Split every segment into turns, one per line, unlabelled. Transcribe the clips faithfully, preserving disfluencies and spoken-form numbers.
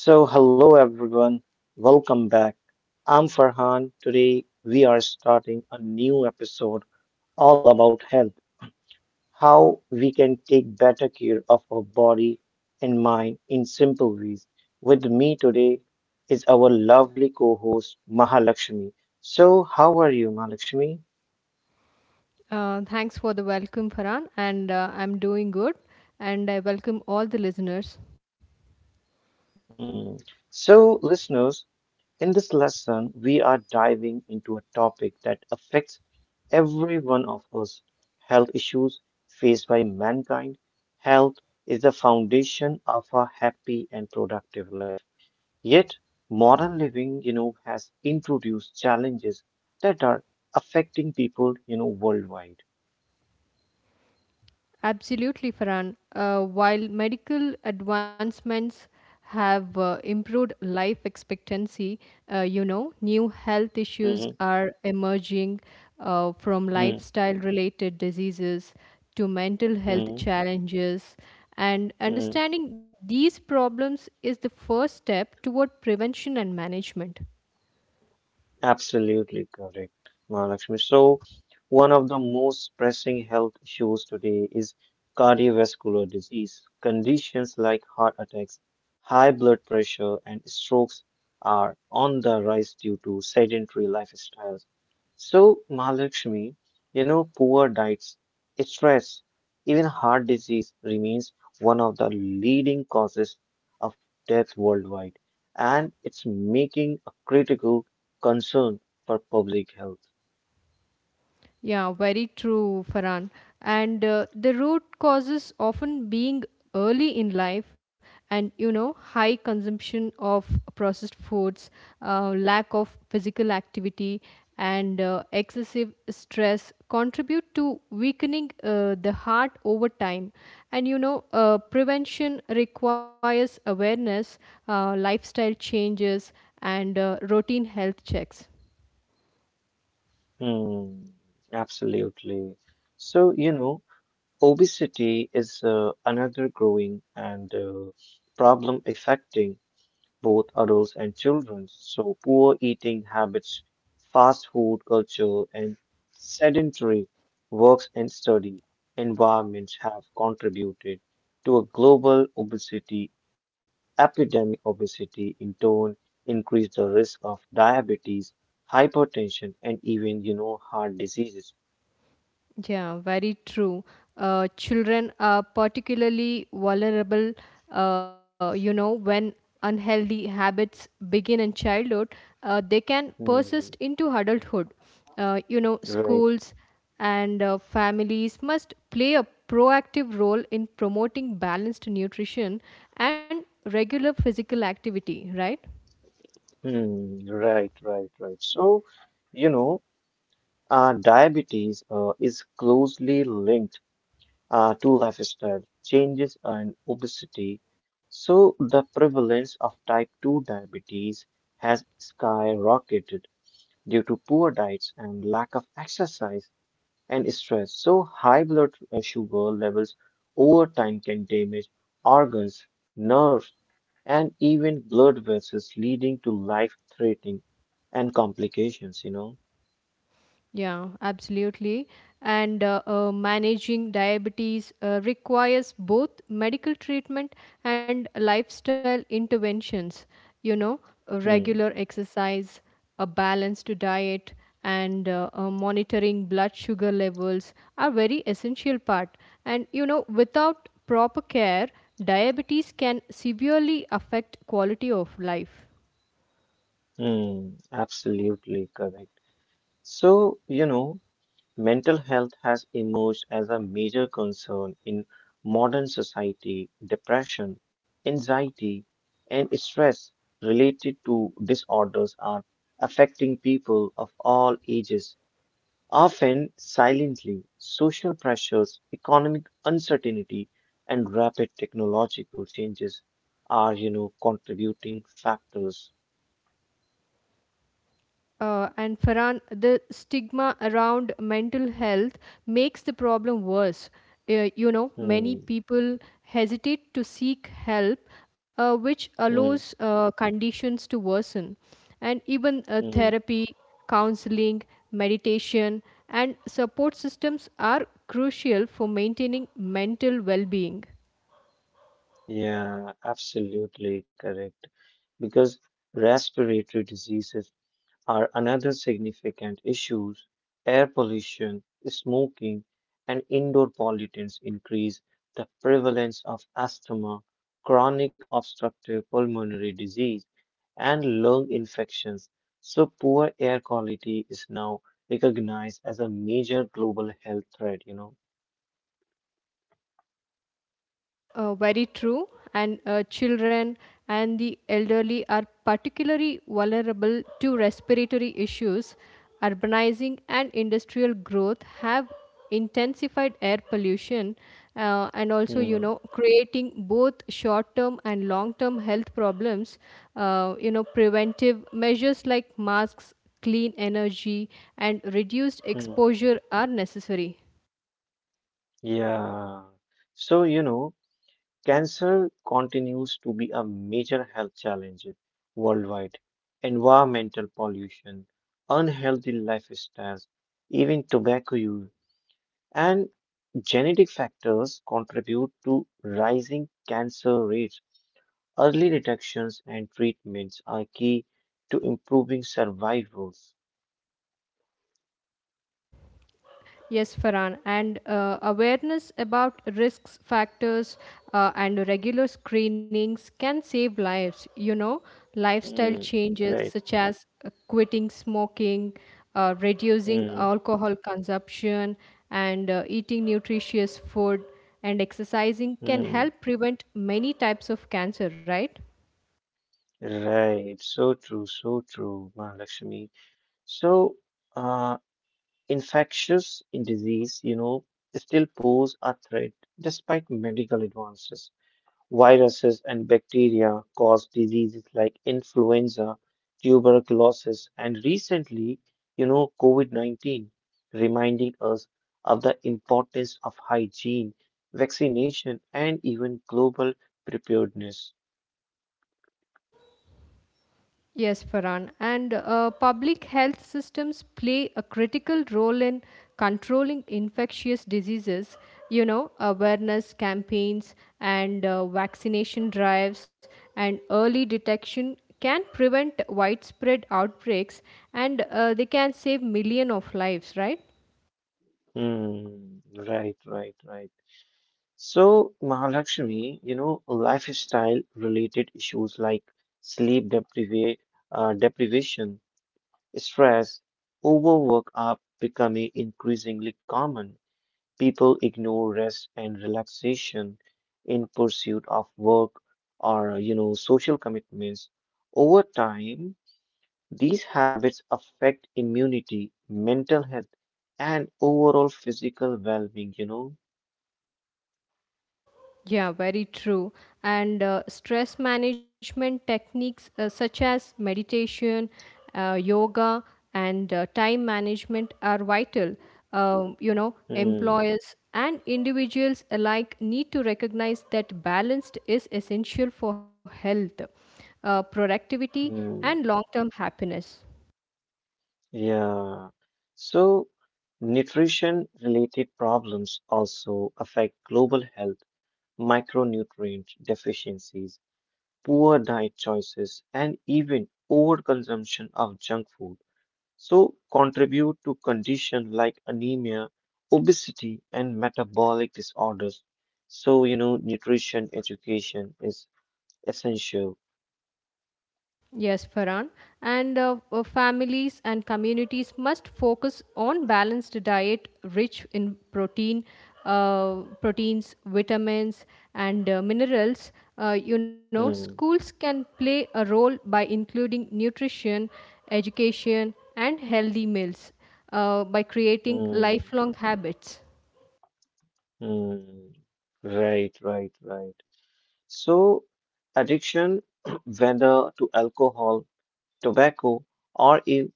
So, hello everyone, welcome back. I'm Farhan. Today, we are starting a new episode all about health, how we can take better care of our body and mind in simple ways. With me today is our lovely co host, Mahalakshmi. So, how are you, Mahalakshmi?
Uh, thanks for the welcome, Farhan. And uh, I'm doing good. And I welcome all the listeners.
Mm. So, listeners, in this lesson, we are diving into a topic that affects every one of us, health issues faced by mankind. Health is the foundation of a happy and productive life. Yet, modern living, you know, has introduced challenges that are affecting people, you know, worldwide.
Absolutely, Farhan. Uh, while medical advancements have uh, improved life expectancy, uh, you know, new health issues
Mhm,
are emerging uh, from
mhm,
lifestyle related diseases to mental health challenges. And
mhm.
understanding these problems is the first step toward prevention and management.
Absolutely correct, Mahalakshmi. So, one of the most pressing health issues today is cardiovascular disease. Conditions like heart attacks, high blood pressure, and strokes are on the rise due to sedentary lifestyles. So, Mahalakshmi, you know, poor diets, stress, even heart disease remains one of the leading causes of death worldwide, and it's making a critical concern for public health.
Yeah, very true, Farhan. And uh, the root causes often being early in life and you know high consumption of processed foods, uh, lack of physical activity and uh, excessive stress contribute to weakening uh, the heart over time and you know uh, prevention requires awareness, uh, lifestyle changes, and uh, routine health checks.
Hmm, absolutely. So, you know, obesity is uh, another growing and uh, problem affecting both adults and children. So, poor eating habits, fast food culture, and sedentary works and study environments have contributed to a global obesity epidemic. Obesity in turn increase the risk of diabetes, hypertension, and even, you know, heart diseases.
Yeah, very true. Uh, children are particularly vulnerable, uh, you know, when unhealthy habits begin in childhood, uh, they can persist
Hmm,
into adulthood. Uh, you know,
right.
schools and uh, families must play a proactive role in promoting balanced nutrition and regular physical activity, right?
Hmm, right, right, right. So, you know, uh, diabetes uh, is closely linked uh, to lifestyle changes and obesity. So, the prevalence of type two diabetes has skyrocketed due to poor diets and lack of exercise and stress. So, high blood uh, sugar levels over time can damage organs, nerves, and even blood vessels, leading to life-threatening and complications, you know.
Yeah, absolutely. And uh, uh, managing diabetes uh, requires both medical treatment and lifestyle interventions. You know, uh,
Hmm.
regular exercise, a balanced diet, and uh, uh, monitoring blood sugar levels are very essential part. And you know, without proper care, diabetes can severely affect quality of life.
Hmm. Absolutely correct. So, you know, mental health has emerged as a major concern in modern society. Depression, anxiety, and stress related to disorders are affecting people of all ages, often silently. Social pressures, economic uncertainty, and rapid technological changes are, you know, contributing factors.
Uh, and Farhan, the stigma around mental health makes the problem worse. Uh, you know,
Hmm,
many people hesitate to seek help, uh, which
hmm,
allows uh, conditions to worsen. And even uh,
hmm.
therapy, counseling, meditation, and support systems are crucial for maintaining mental well being.
Yeah, absolutely correct. Because respiratory diseases are another significant issues. Air pollution, smoking, and indoor pollutants increase the prevalence of asthma, chronic obstructive pulmonary disease, and lung infections. So poor air quality is now recognized as a major global health threat, you know.
Uh, very true. And uh, children and the elderly are particularly vulnerable to respiratory issues. Urbanizing and industrial growth have intensified air pollution uh, and also, you
Hmm,
know, creating both short term and long term health problems. Uh, you know, preventive measures like masks, clean energy, and reduced
hmm,
exposure are necessary.
yeah. So, you know, cancer continues to be a major health challenge worldwide. Environmental pollution, unhealthy lifestyles, even tobacco use, and genetic factors contribute to rising cancer rates. Early detections and treatments are key to improving survivals.
Yes, Farhan, and uh, awareness about risks factors uh, and regular screenings can save lives. You know,
Mm,
lifestyle changes
right.
such as uh, quitting smoking, uh, reducing
Mm,
alcohol consumption, and uh, eating nutritious food and exercising can
mm,
help prevent many types of cancer, right?
right. So true. So true, Mahalakshmi. So, uh, infectious disease, you know, still pose a threat despite medical advances. Viruses and bacteria cause diseases like influenza, tuberculosis, and recently, you know, COVID nineteen, reminding us of the importance of hygiene, vaccination, and even global preparedness.
Yes, Farhan. And uh, public health systems play a critical role in controlling infectious diseases. You know, awareness campaigns and uh, vaccination drives and early detection can prevent widespread outbreaks and uh, they can save millions of lives, right?
Hmm, right, right, right. So, Mahalakshmi, you know, lifestyle related issues like sleep depriva uh, deprivation, stress, overwork are becoming increasingly common. People ignore rest and relaxation in pursuit of work or, you know, social commitments. Over time, these habits affect immunity, mental health, and overall physical well-being, you know.
Yeah, very true. And uh, stress management techniques uh, such as meditation, uh, yoga, and uh, time management are vital. Um, you know,
Hmm,
employers and individuals alike need to recognize that balance is essential for health, uh, productivity, and
hmm.
long term happiness.
Yeah. So, nutrition related problems also affect global health, micronutrient deficiencies, poor diet choices, and even overconsumption of junk food. So, contribute to conditions like anemia, obesity, and metabolic disorders. So, you know, nutrition education is essential.
Yes, Farhan. And uh, uh, families and communities must focus on balanced diet rich in protein, uh, proteins, vitamins, and uh, minerals. Uh, you know, schools
Hmm,
can play a role by including nutrition, education, and healthy meals uh, by creating
hmm,
lifelong habits.
hmm. Right, right, right. So, addiction, whether to alcohol, tobacco, or in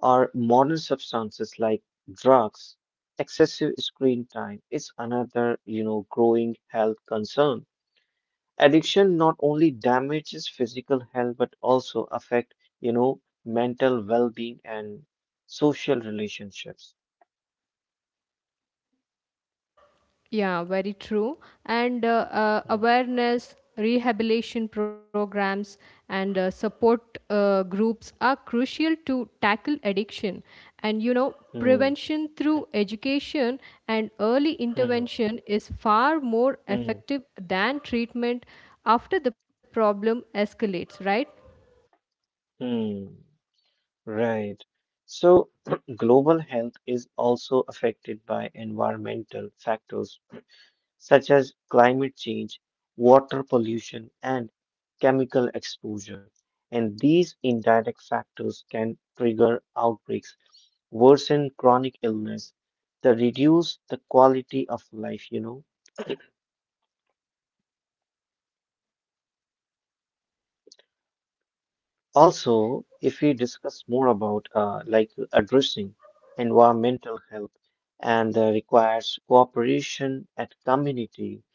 or modern substances like drugs, excessive screen time is another, you know, growing health concern. Addiction not only damages physical health but also affect, you know, mental well-being and social relationships.
Yeah, very true. And uh, uh,
Mm,
awareness, rehabilitation programs, and uh, support uh, groups are crucial to tackle addiction. And you know,
mm,
prevention through education and early
mm,
intervention is far more
mm,
effective than treatment after the problem escalates, right?
mm. Right. So, global health is also affected by environmental factors such as climate change, water pollution, and chemical exposure. And these indirect factors can trigger outbreaks, worsen chronic illness, to reduce the quality of life, you know. Also, if we discuss more about uh, like addressing environmental health and uh, requires cooperation at community,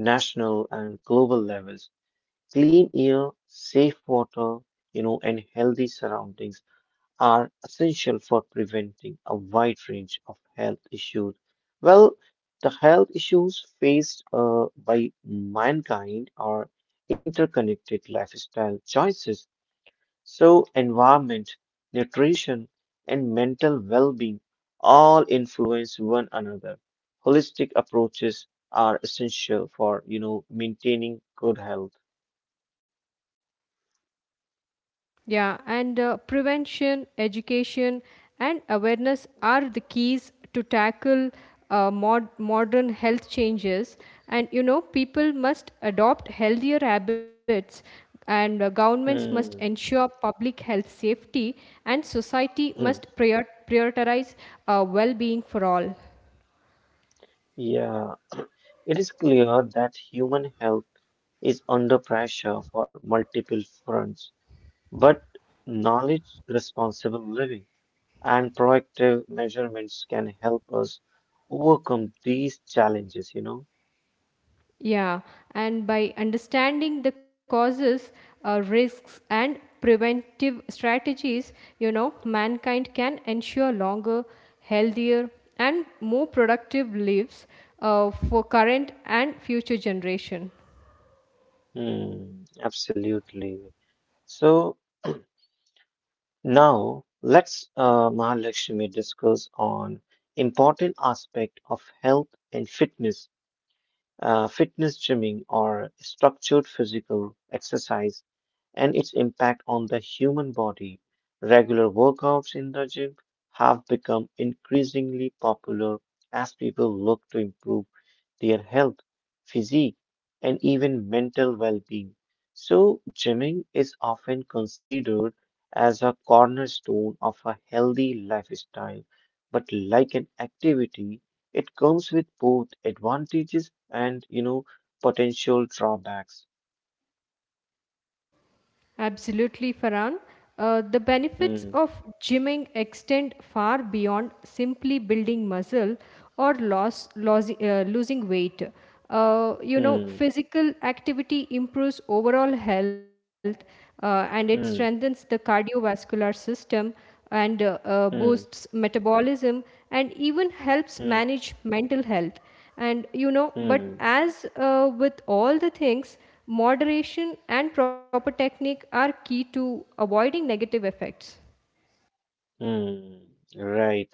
national and global levels, clean air, safe water, you know, and healthy surroundings are essential for preventing a wide range of health issues. Well, the health issues faced uh, by mankind are interconnected lifestyle choices. So, environment, nutrition, and mental well being all influence one another. Holistic approaches are essential for, you know, maintaining good health.
Yeah, and uh, prevention, education, and awareness are the keys to tackle uh, mod- modern health changes. And you know, people must adopt healthier habits, and uh, governments must
Hmm.
ensure public health safety, and society must
Hmm.
prior- prioritize uh, well being for all.
Yeah, it is clear that human health is under pressure for multiple fronts, but knowledge, responsible living, and proactive measurements can help us overcome these challenges, you know.
Yeah, and by understanding the causes, uh, risks, and preventive strategies, you know, mankind can ensure longer, healthier, and more productive lives uh, for current and future generation.
Hmm, absolutely. So, now let's, uh, Mahalakshmi, discuss on important aspect of health and fitness, uh, fitness gymming or structured physical exercise and its impact on the human body. Regular workouts in the gym have become increasingly popular as people look to improve their health, physique, and even mental well being. So, gymming is often considered as a cornerstone of a healthy lifestyle, but like an activity, it comes with both advantages and, you know, potential drawbacks.
Absolutely, Farhan. Uh, the benefits
Hmm,
of gymming extend far beyond simply building muscle or loss, loss, uh, losing weight. Uh, you know,
hmm,
physical activity improves overall health uh, and it strengthens
hmm,
the cardiovascular system and uh, uh, boosts
hmm.
metabolism and even helps
Hmm.
manage mental health and you know but
Hmm,
as uh, with all the things moderation and proper technique are key to avoiding negative effects.
hmm. Right.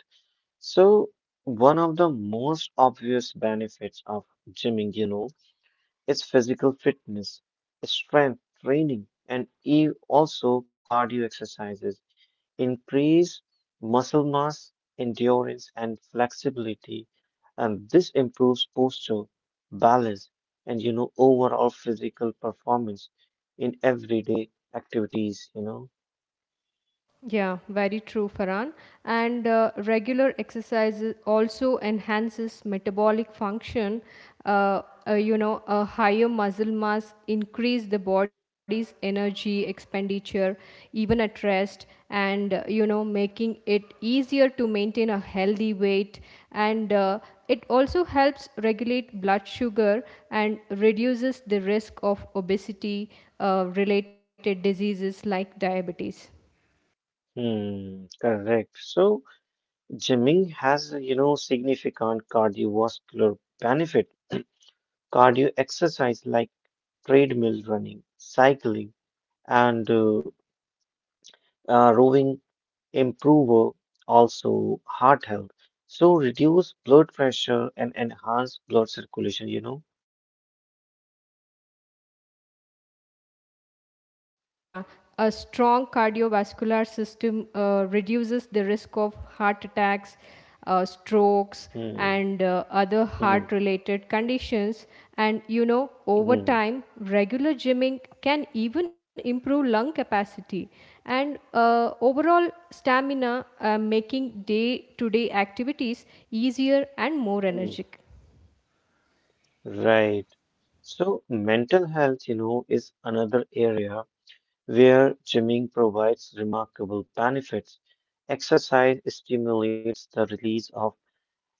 So, one of the most obvious benefits of gymming, you know, is physical fitness, strength training, and e also cardio exercises increase muscle mass, endurance, and flexibility, and this improves posture, balance, and you know, overall physical performance in everyday activities, you know.
Yeah, very true, Farhan. And uh, regular exercise also enhances metabolic function. Uh, uh, you know, a higher muscle mass increase the body's energy expenditure, even at rest, and uh, you know, making it easier to maintain a healthy weight. And uh, it also helps regulate blood sugar and reduces the risk of obesity uh, related diseases like diabetes.
Hmm, correct. So gymming has, you know, significant cardiovascular benefit. Cardio exercise like treadmill running, cycling, and uh, uh, rowing improve uh, also heart health. So reduce blood pressure and enhance blood circulation, you know.
Yeah, a strong cardiovascular system uh, reduces the risk of heart attacks, uh, strokes,
Hmm,
and uh, other
hmm,
heart related conditions. And you know, over
hmm,
time, regular gymming can even improve lung capacity and uh, overall stamina, uh, making day to day activities easier and more
hmm.
energetic.
Right. So mental health, you know, is another area where gymming provides remarkable benefits. Exercise stimulates the release of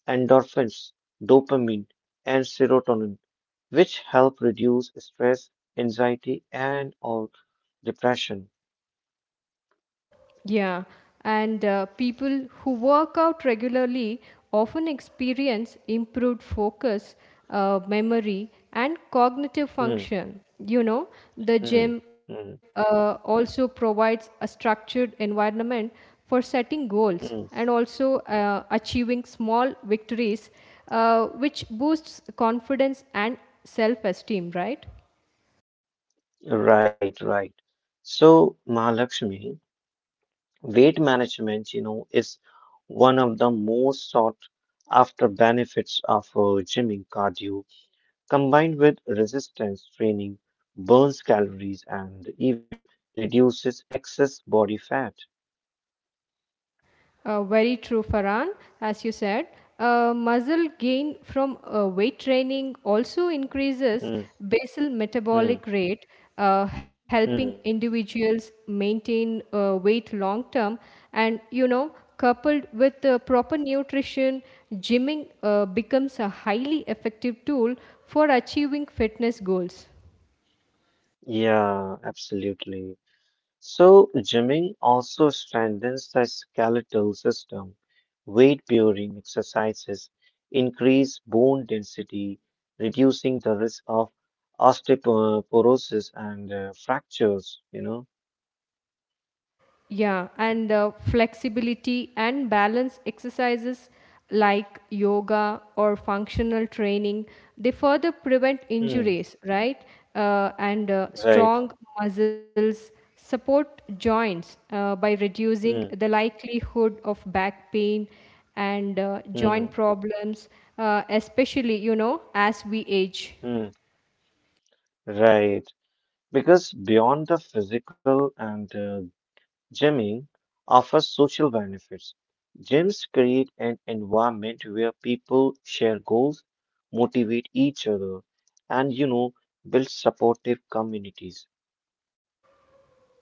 endorphins, dopamine, and serotonin, which help reduce stress, anxiety, and or depression.
Yeah, and uh, people who work out regularly often experience improved focus, uh, memory, and cognitive
Hmm,
function. You know, the
hmm,
gym uh,
hmm,
also provides a structured environment for setting goals and
hmm.
also uh, achieving small victories, uh, which boosts confidence and self esteem, right?
Right, right. So, Mahalakshmi, weight management, you know, is one of the most sought after benefits of uh, gymming cardio combined with resistance training, burns calories and even reduces excess body fat.
Uh, very true, Farhan. As you said, uh, muscle gain from uh, weight training also increases
Mm,
basal metabolic
mm,
rate, uh, helping
mm.
individuals maintain uh, weight long term. And you know, coupled with the proper nutrition, gymming uh, becomes a highly effective tool for achieving fitness goals.
Yeah, absolutely. So, gymming also strengthens the skeletal system. Weight bearing exercises increase bone density, reducing the risk of osteoporosis and uh, fractures, you know?
Yeah, and uh, flexibility and balance exercises like yoga or functional training, they further prevent
Mm,
injuries, right? Uh, and uh,
right.
strong muscles support joints uh, by reducing
Mm,
the likelihood of back pain and uh, joint
mm,
problems, uh, especially, you know, as we age.
mm, right. Because beyond the physical and uh, gymming offer social benefits. Gyms create an environment where people share goals, motivate each other, and you know, build supportive communities.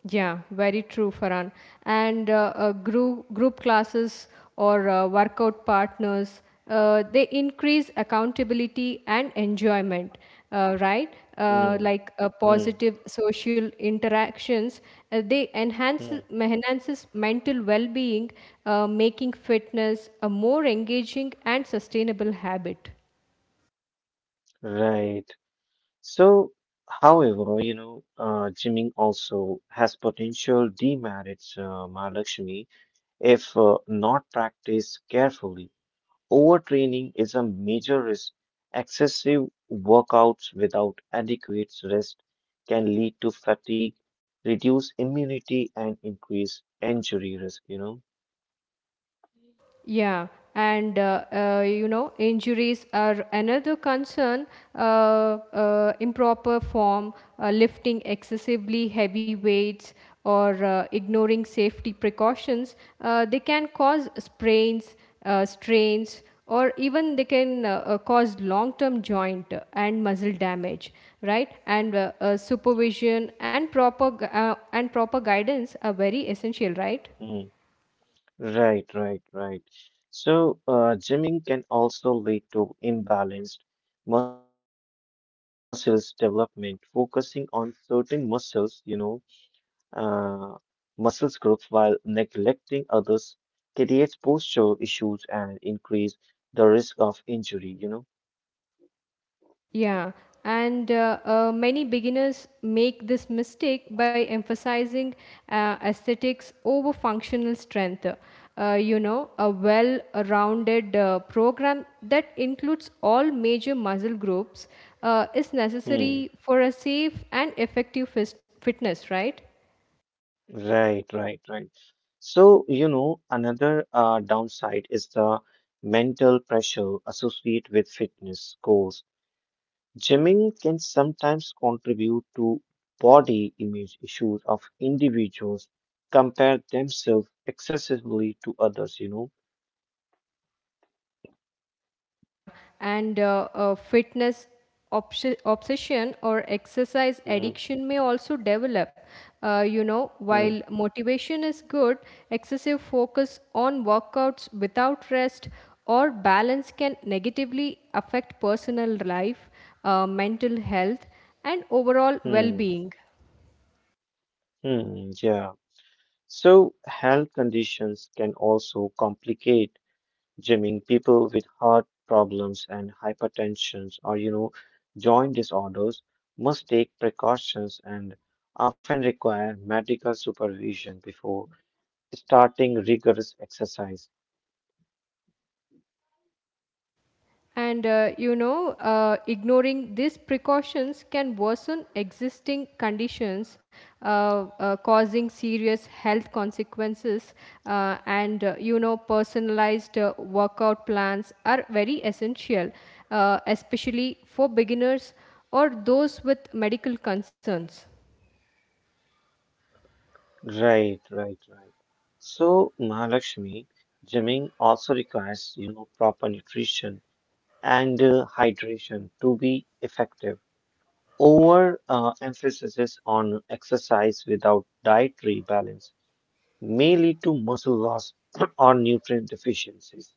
Yeah, very true, Farhan. And uh, uh, group group classes or uh, workout partners, uh, they increase accountability and enjoyment, uh, right? Uh,
Hmm,
like uh,
hmm,
positive social interactions, uh, they enhance
hmm.
enhances mental well-being, uh, making fitness a more engaging and sustainable habit.
Right. So, however, you know, uh, gymming also has potential demerits, uh, Mahalakshmi, if uh, not practiced carefully. Overtraining is a major risk. Excessive workouts without adequate rest can lead to fatigue, reduce immunity, and increase injury risk, you know?
Yeah, and uh, uh, you know, injuries are another concern. Uh, uh, Improper form, uh, lifting excessively heavy weights, or uh, ignoring safety precautions, uh, they can cause sprains, uh, strains, or even they can uh, uh, cause long-term joint and muscle damage, right? And uh, uh, supervision and proper gu- uh, and proper guidance are very essential, right?
Mm. Right, right, right. So, uh, gymming can also lead to imbalanced muscles development, focusing on certain muscles, you know, uh, muscle groups while neglecting others creates posture issues and increase the risk of injury, you know.
Yeah, and uh, uh, many beginners make this mistake by emphasizing uh, aesthetics over functional strength. Uh, you know, a well rounded uh, program that includes all major muscle groups uh, is
Hmm.
necessary for a safe and effective fis- fitness, right?
Right, right, right. So, you know, another uh, downside is the mental pressure associated with fitness goals. Gymming can sometimes contribute to body image issues of individuals compare themselves excessively to others, you know.
Yeah, and uh, uh, fitness obs- obsession or exercise
Hmm,
addiction may also develop. Uh, you know,
hmm,
while motivation is good, excessive focus on workouts without rest or balance can negatively affect personal life, uh, mental health, and overall well
hmm,
being.
hmm, yeah. So, health conditions can also complicate gymming. People with heart problems and hypertension or, you know, joint disorders must take precautions and often require medical supervision before starting rigorous exercise.
And uh, you know, uh, ignoring these precautions can worsen existing conditions, uh, uh, causing serious health consequences. Uh, and uh, you know, personalized uh, workout plans are very essential, uh,
Mm,
especially for beginners or those with medical concerns.
right, right, right. So, Mahalakshmi, gymming also requires, you know, proper nutrition and uh, hydration to be effective. Over uh, emphasis on exercise without dietary balance may lead to muscle loss or nutrient deficiencies.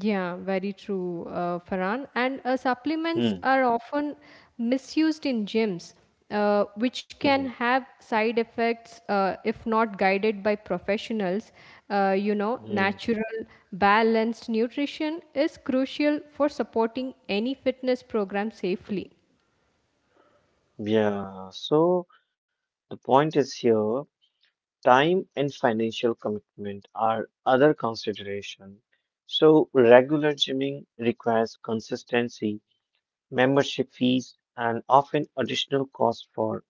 Yeah, very true, uh, Farhan. And uh, supplements
Hmm,
are often misused in gyms, uh, which can
hmm,
have side effects uh, if not guided by professionals. Uh, you know,
hmm.
natural, balanced nutrition is crucial for supporting any fitness program safely.
Yeah, so the point is here. Time and financial commitment are other consideration. So regular gymming requires consistency, membership fees, and often additional cost for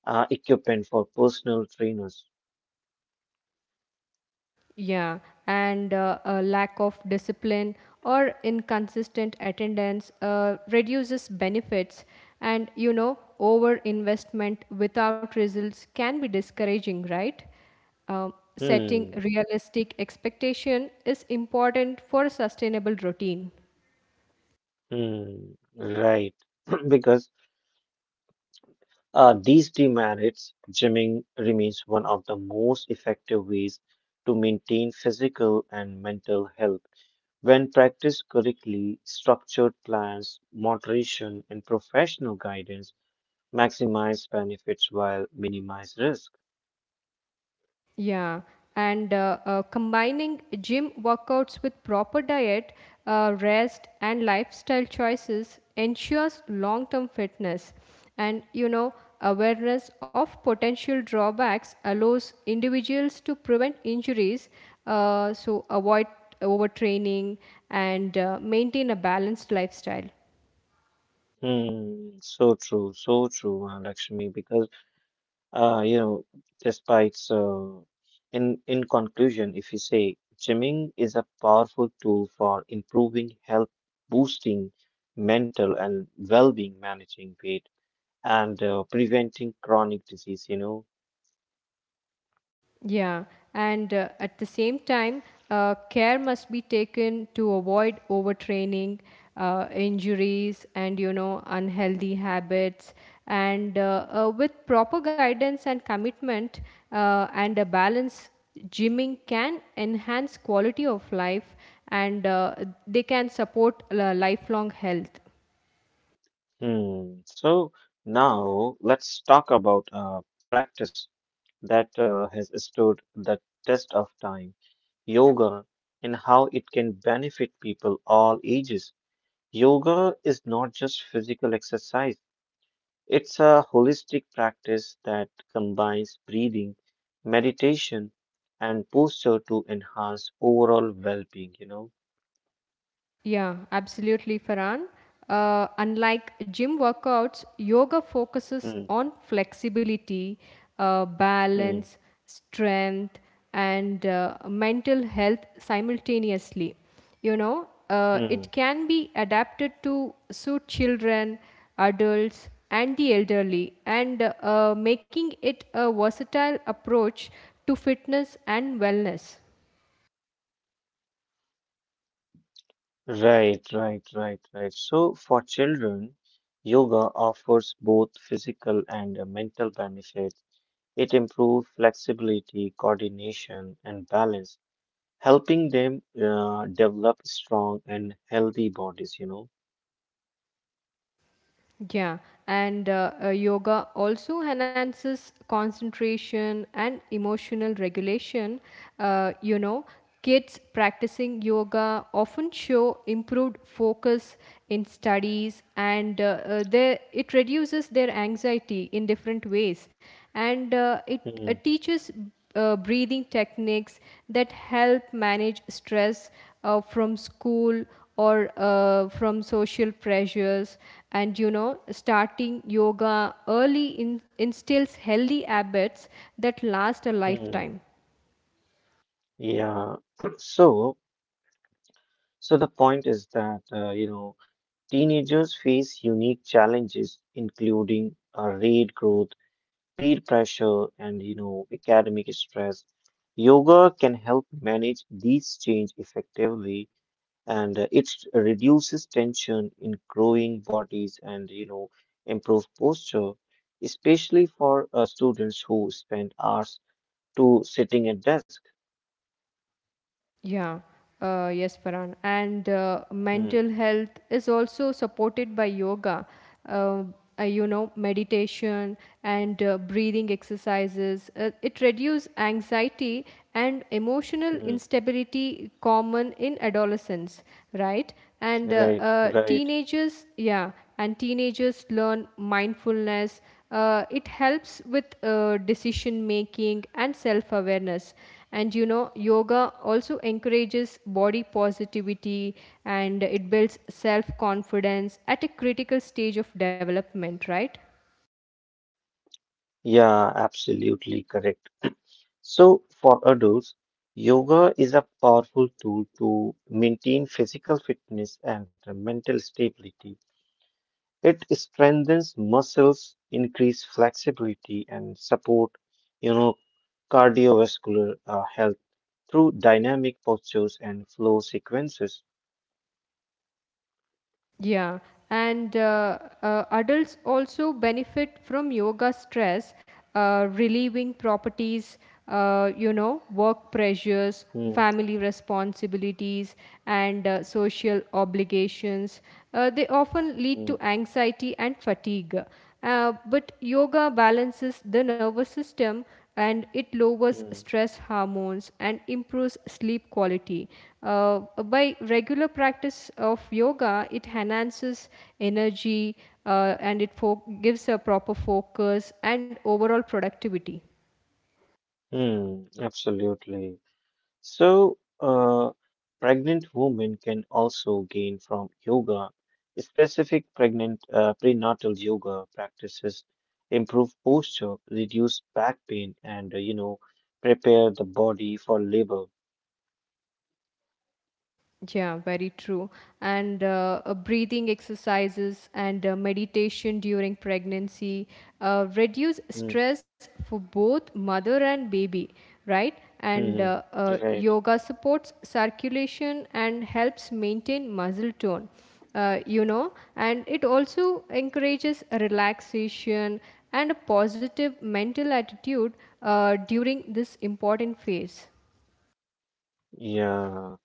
uh, equipment for personal trainers.
Yeah, and uh, a lack of discipline or inconsistent attendance uh, reduces benefits. And you know, over investment without results can be discouraging, right? Um,
Hmm.
setting realistic expectation is important for a sustainable routine.
Hmm. Right. Because uh, these demerits, gymming remains one of the most effective ways to maintain physical and mental health. When practiced correctly, structured plans, moderation, and professional guidance maximize benefits while minimize risk.
Yeah, and uh, uh, combining gym workouts with proper diet, uh, rest, and lifestyle choices ensures long term fitness. And you know, awareness of potential drawbacks allows individuals to prevent injuries, uh, so avoid overtraining and uh, maintain a balanced lifestyle.
Hmm, so true, so true, uh, Lakshmi. Because uh, you know, despite so, in in conclusion, if you say gymming is a powerful tool for improving health, boosting mental and well-being, managing weight, and uh, preventing chronic disease. You know,
Yeah, and uh, at the same time, uh, care must be taken to avoid overtraining, uh, injuries, and you know unhealthy habits. And uh, uh, with proper guidance and commitment uh, and a balance, gymming can enhance quality of life, and uh, they can support uh, lifelong health.
hmm. So now let's talk about a practice that uh, has stood the test of time, yoga, and how it can benefit people all ages. Yoga is not just physical exercise, it's a holistic practice that combines breathing, meditation, and posture to enhance overall well-being, you know.
Yeah, absolutely, Farhan. Uh, unlike gym workouts, yoga focuses
Hmm.
on flexibility, uh,
Hmm.
balance, strength, and uh, mental health simultaneously. You know, uh, it
Hmm.
can be adapted to suit children, adults, and the elderly, and uh, making it a versatile approach to fitness and wellness.
Right, right, right, right. So for children, yoga offers both physical and uh, mental benefits. It improves flexibility, coordination, and balance, helping them uh, develop strong and healthy bodies, you know.
Yeah, and uh, uh, yoga also enhances concentration and emotional regulation. Uh, you know, Kids practicing yoga often show improved focus in studies, and uh, uh, they, it reduces their anxiety in different ways, and uh, it uh,
Hmm,
teaches uh, breathing techniques that help manage stress uh, from school or uh, from social pressures and you know starting yoga early in, instills healthy habits that last a
hmm,
lifetime.
yeah. So, so the point is that uh, you know teenagers face unique challenges, including uh, rate growth, peer pressure and you know academic stress. Yoga can help manage these change effectively and uh, it reduces tension in growing bodies and you know improve posture, especially for uh, students who spend hours to sitting at desk.
Yeah, uh, yes, Paran. And uh,
Mm,
mental health is also supported by yoga, uh, uh, you know, meditation and uh, breathing exercises. Uh, it reduces anxiety and emotional
mm,
instability common in adolescence, right? And uh,
right,
uh,
right,
teenagers, yeah, and teenagers learn mindfulness. Uh, it helps with uh, decision making and self awareness and you know yoga also encourages body positivity and it builds self confidence at a critical stage of development, right?
yeah, absolutely correct. So, for adults, yoga is a powerful tool to maintain physical fitness and mental stability. It strengthens muscles, increase flexibility, and support, you know, cardiovascular uh, health through dynamic postures and flow sequences.
Yeah, and uh, uh, adults also benefit from yoga stress, uh, relieving properties, uh, you know, work pressures,
Hmm,
family responsibilities, and uh, social obligations. Uh, they often lead
hmm,
to anxiety and fatigue. Uh, but yoga balances the nervous system and it lowers
hmm,
stress hormones and improves sleep quality. Uh, by regular practice of yoga, it enhances energy uh, and it fo- gives a proper focus and overall productivity.
hmm, absolutely. So, uh, pregnant women can also gain from yoga. Specific pregnant uh, prenatal yoga practices improve posture, reduce back pain, and uh, you know, prepare the body for labor.
Yeah, very true. And uh, uh, breathing exercises and uh, meditation during pregnancy uh, reduce stress for both mother and baby, right? And uh,
Mm-hmm.
uh,
Right.
yoga supports circulation and helps maintain muscle tone, uh, you know, and it also encourages relaxation and a positive mental attitude uh, during this important phase.
Yeah.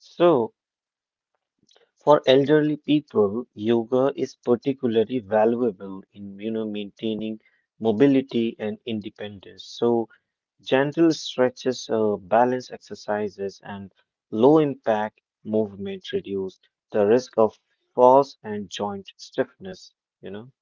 So, for elderly people, yoga is particularly valuable in you know maintaining mobility and independence. So, gentle stretches, uh, balance exercises, and low impact movement reduce the risk of falls and joint stiffness, you know?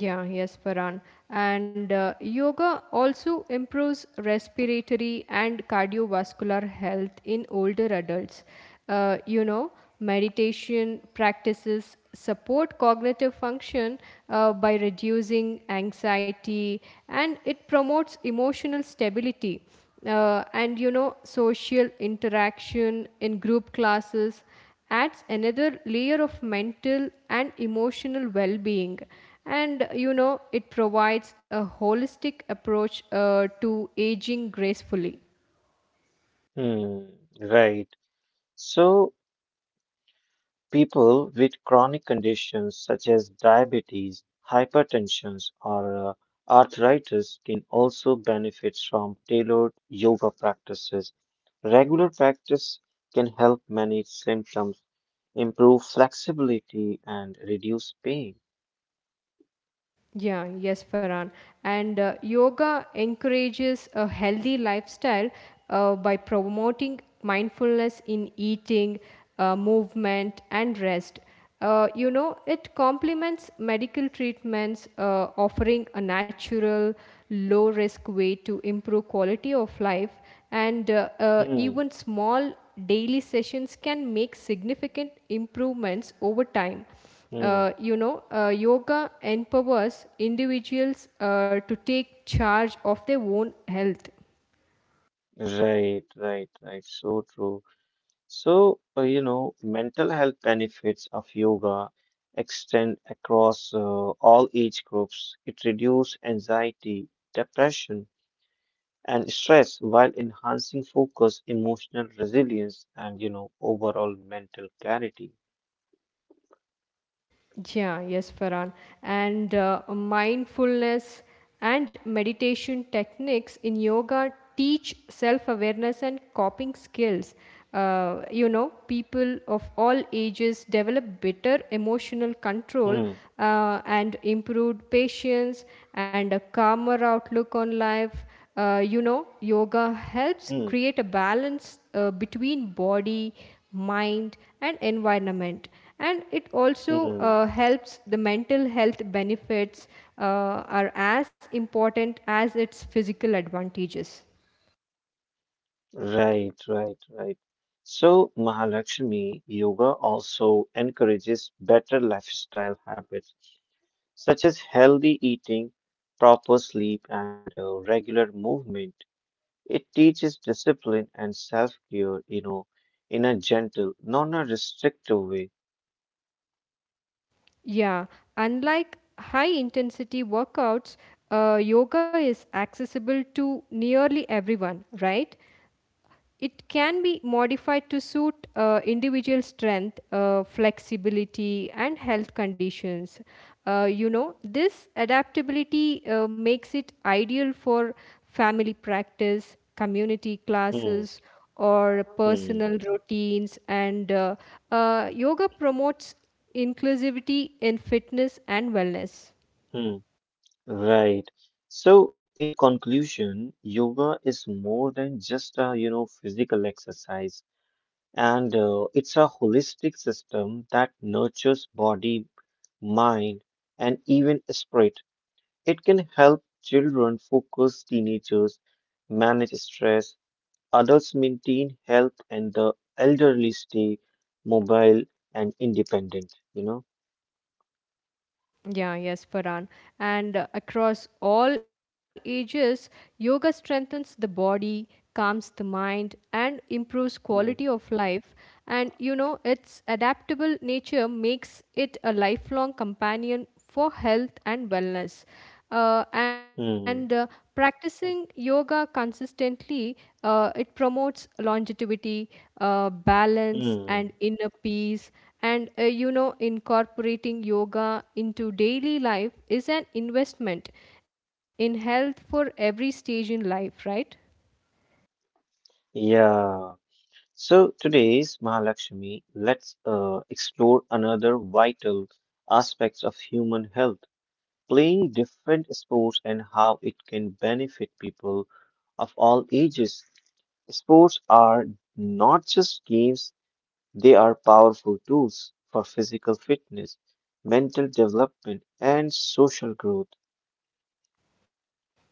Yeah, yes, Farhan. And uh, yoga also improves respiratory and cardiovascular health in older adults. Uh, you know, Meditation practices support cognitive function uh, by reducing anxiety and it promotes emotional stability. Uh, and you know, social interaction in group classes adds another layer of mental and emotional well being, and you know it provides a holistic approach uh, to aging gracefully.
Hmm, right. So, people with chronic conditions such as diabetes, hypertension, or uh, arthritis can also benefit from tailored yoga practices. Regular practice can help manage symptoms, improve flexibility, and reduce pain.
Yeah, yes, Farhan. And uh, yoga encourages a healthy lifestyle uh, by promoting mindfulness in eating, uh, movement, and rest. Uh, you know, it complements medical treatments, uh, offering a natural, low risk way to improve quality of life. And uh, uh,
Hmm,
even small daily sessions can make significant improvements over time. Uh,
hmm.
you know, uh, yoga empowers individuals uh, to take charge of their own health.
Right, right, right. So true. So, uh, you know, mental health benefits of yoga extend across uh, all age groups. It reduces anxiety, depression, and stress while enhancing focus, emotional resilience, and, you know, overall mental clarity.
Yeah, yes, Farhan. And uh, mindfulness and meditation techniques in yoga teach self awareness and coping skills. Uh, you know, people of all ages develop better emotional control
Hmm,
uh, and improved patience and a calmer outlook on life. Uh, you know, yoga helps
hmm,
create a balance uh, between body, mind, and environment, and it also
hmm.
uh, helps the mental health benefits uh, are as important as its physical advantages.
Right, right, right. So, Mahalakshmi, yoga also encourages better lifestyle habits such as healthy eating, proper sleep, and uh, regular movement. It teaches discipline and self care, you know, in a gentle, non a restrictive way.
Yeah, unlike high intensity workouts, uh, yoga is accessible to nearly everyone, right? It can be modified to suit uh, individual strength, uh, flexibility, and health conditions. Uh, you know, this adaptability uh, makes it ideal for family practice, community
Hmm,
classes, or
hmm,
personal routines. And uh, uh, yoga promotes inclusivity in fitness and wellness.
hmm. Right. So, in conclusion, yoga is more than just a, you know, physical exercise, and uh, it's a holistic system that nurtures body, mind, and even spirit. It can help children focus, teenagers, manage stress, adults maintain health, and the elderly stay mobile and independent, you know?
Yeah, yes, Farhan. And uh, across all ages, yoga strengthens the body, calms the mind, and improves quality
Hmm,
of life. And you know, its adaptable nature makes it a lifelong companion for health and wellness, uh, and uh,
hmm,
practicing yoga consistently, uh, it promotes longevity, uh, balance and
hmm.
inner peace, and uh, you know incorporating yoga into daily life is an investment in health for every stage in life, right?
Yeah. So today's Mahalakshmi, let's uh, explore another vital aspects of human health, playing different sports and how it can benefit people of all ages. Sports are not just games, they are powerful tools for physical fitness, mental development, and social growth.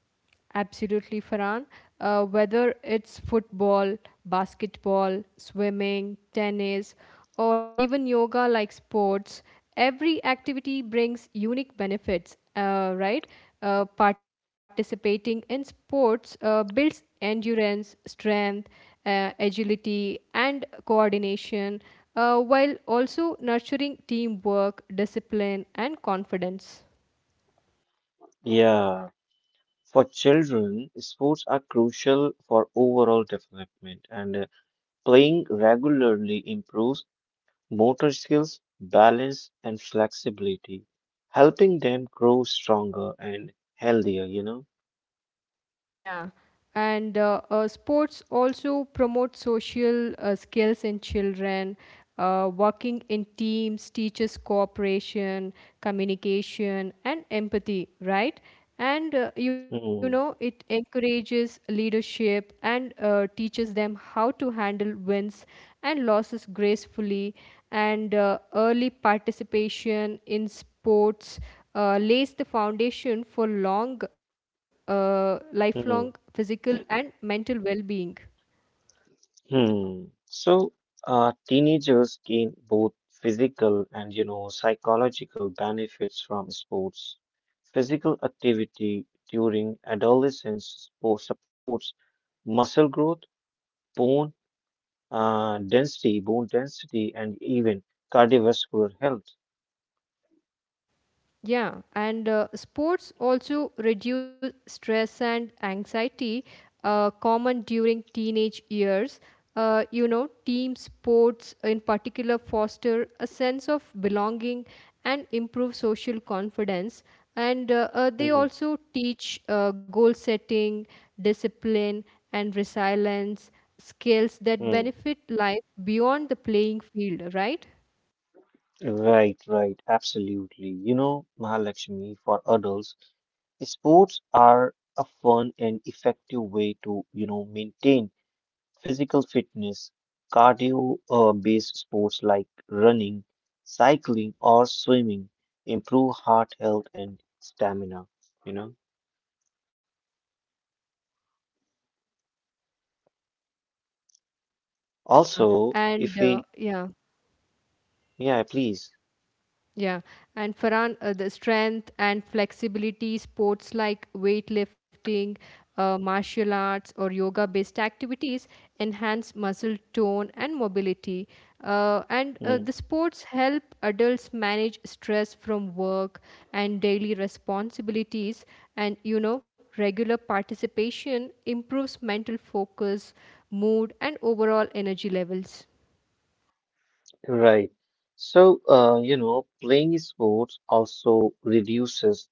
Absolutely, Farhan. Uh, whether it's football, basketball, swimming, tennis, or even yoga like sports, every activity brings unique benefits, uh, right? Uh, participating in sports uh, builds endurance, strength, uh, agility, and coordination, uh, while also nurturing teamwork, discipline, and confidence.
Yeah, for children, sports are crucial for overall development, and uh, playing regularly improves motor skills, balance, and flexibility, helping them grow stronger and healthier, you know?
Yeah, and uh, uh, sports also promote social uh, skills in children. Uh, working in teams teaches cooperation, communication, and empathy, right? And uh, you know, it
Mm,
encourages leadership and uh, teaches them how to handle wins and losses gracefully. And uh, early participation in sports uh, lays the foundation for long, uh, lifelong
mm.
physical and mental well being.
Hmm. So, uh, teenagers gain both physical and, you know, psychological benefits from sports. Physical activity during adolescence spo- supports muscle growth, bone uh, density, bone density, and even cardiovascular health.
Yeah, and uh, sports also reduce stress and anxiety, uh, common during teenage years. Uh, you know, team sports in particular foster a sense of belonging and improve social confidence. And uh, uh, they
Hmm.
also teach uh, goal setting, discipline, and resilience skills that
hmm.
benefit life beyond the playing field, right?
Right, right, absolutely. You know, Mahalakshmi, for adults, sports are a fun and effective way to, you know, maintain physical fitness, cardio uh, based sports like running, cycling, or swimming improve heart health and stamina, you know.
Yeah,
Also,
and
if
uh,
we,
yeah.
yeah, please.
Yeah, and Farhan, uh, the strength and flexibility, sports like weightlifting, uh, martial arts, or yoga based activities enhance muscle tone and mobility. Uh, and uh, The
Mm,
sports help adults manage stress from work and daily responsibilities. And you know, regular participation improves mental focus, mood, and overall energy levels.
right. So, uh, you know, playing sports also reduces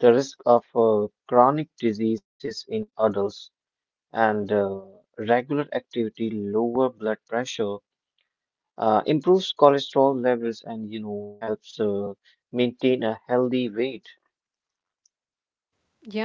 the risk of uh, chronic diseases in adults, and uh, regular activity lower blood pressure uh, improves cholesterol levels and you know helps uh, maintain a healthy weight.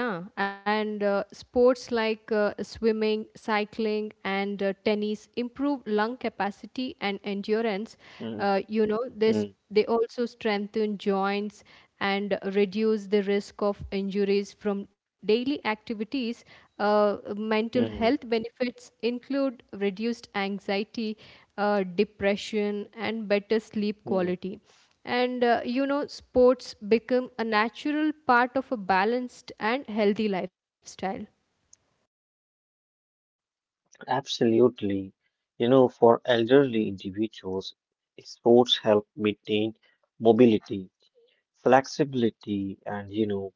Yeah, and uh, sports like uh, swimming, cycling, and uh, tennis improve lung capacity and endurance.
Mm,
Uh, you know, this
mm,
They also strengthen joints and reduce the risk of injuries from daily activities. Uh, mental
mm,
health benefits include reduced anxiety, uh, depression, and better sleep
mm.
quality, and uh, you know sports become a natural part of a balanced and healthy lifestyle.
Absolutely. You know, for elderly individuals, sports help maintain mobility, flexibility, and you know,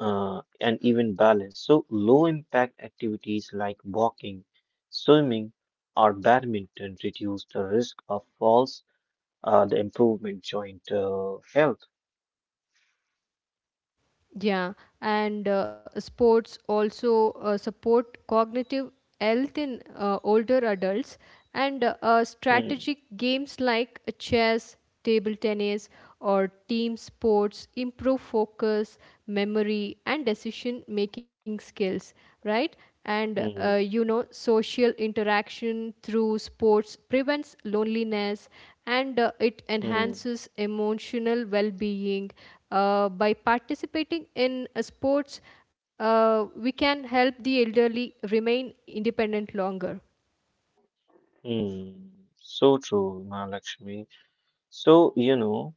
uh, and even balance. So low impact activities like walking, swimming, or badminton reduce the risk of falls, uh, the improvement joint uh, health.
Yeah, and uh, sports also uh, support cognitive health in uh, older adults, and uh, uh,
Mm,
strategic games like chess, table tennis, or team sports improve focus, memory, and decision making skills, right? And uh,
mm.
you know, social interaction through sports prevents loneliness and uh, it
Hmm.
enhances emotional well being. Uh, by participating in uh, sports, uh, we can help the elderly remain independent longer.
Mm, so true, Mahalakshmi. So, you know,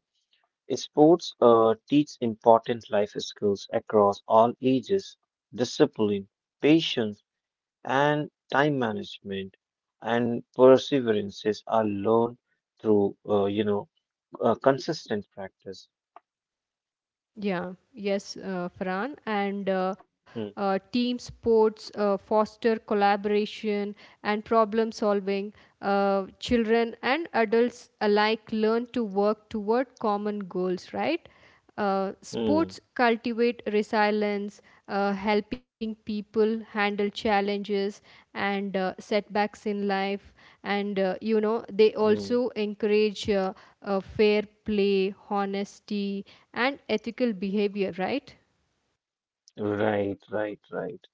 sports uh, teach important life skills across all ages, discipline, patience, and time management, and perseverances are learned through, uh, you know, uh, consistent practice.
Yeah, yes, uh, Farhan. And uh,
Hmm.
uh, team sports uh, foster collaboration and problem solving. Uh, children and adults alike learn to work toward common goals, right? Uh,
Hmm.
sports cultivate resilience, uh, helping people handle challenges and uh, setbacks in life. And, uh, you know, they
Mm.
also encourage uh, uh, fair play, honesty, and ethical behavior, right?
Right, right, right.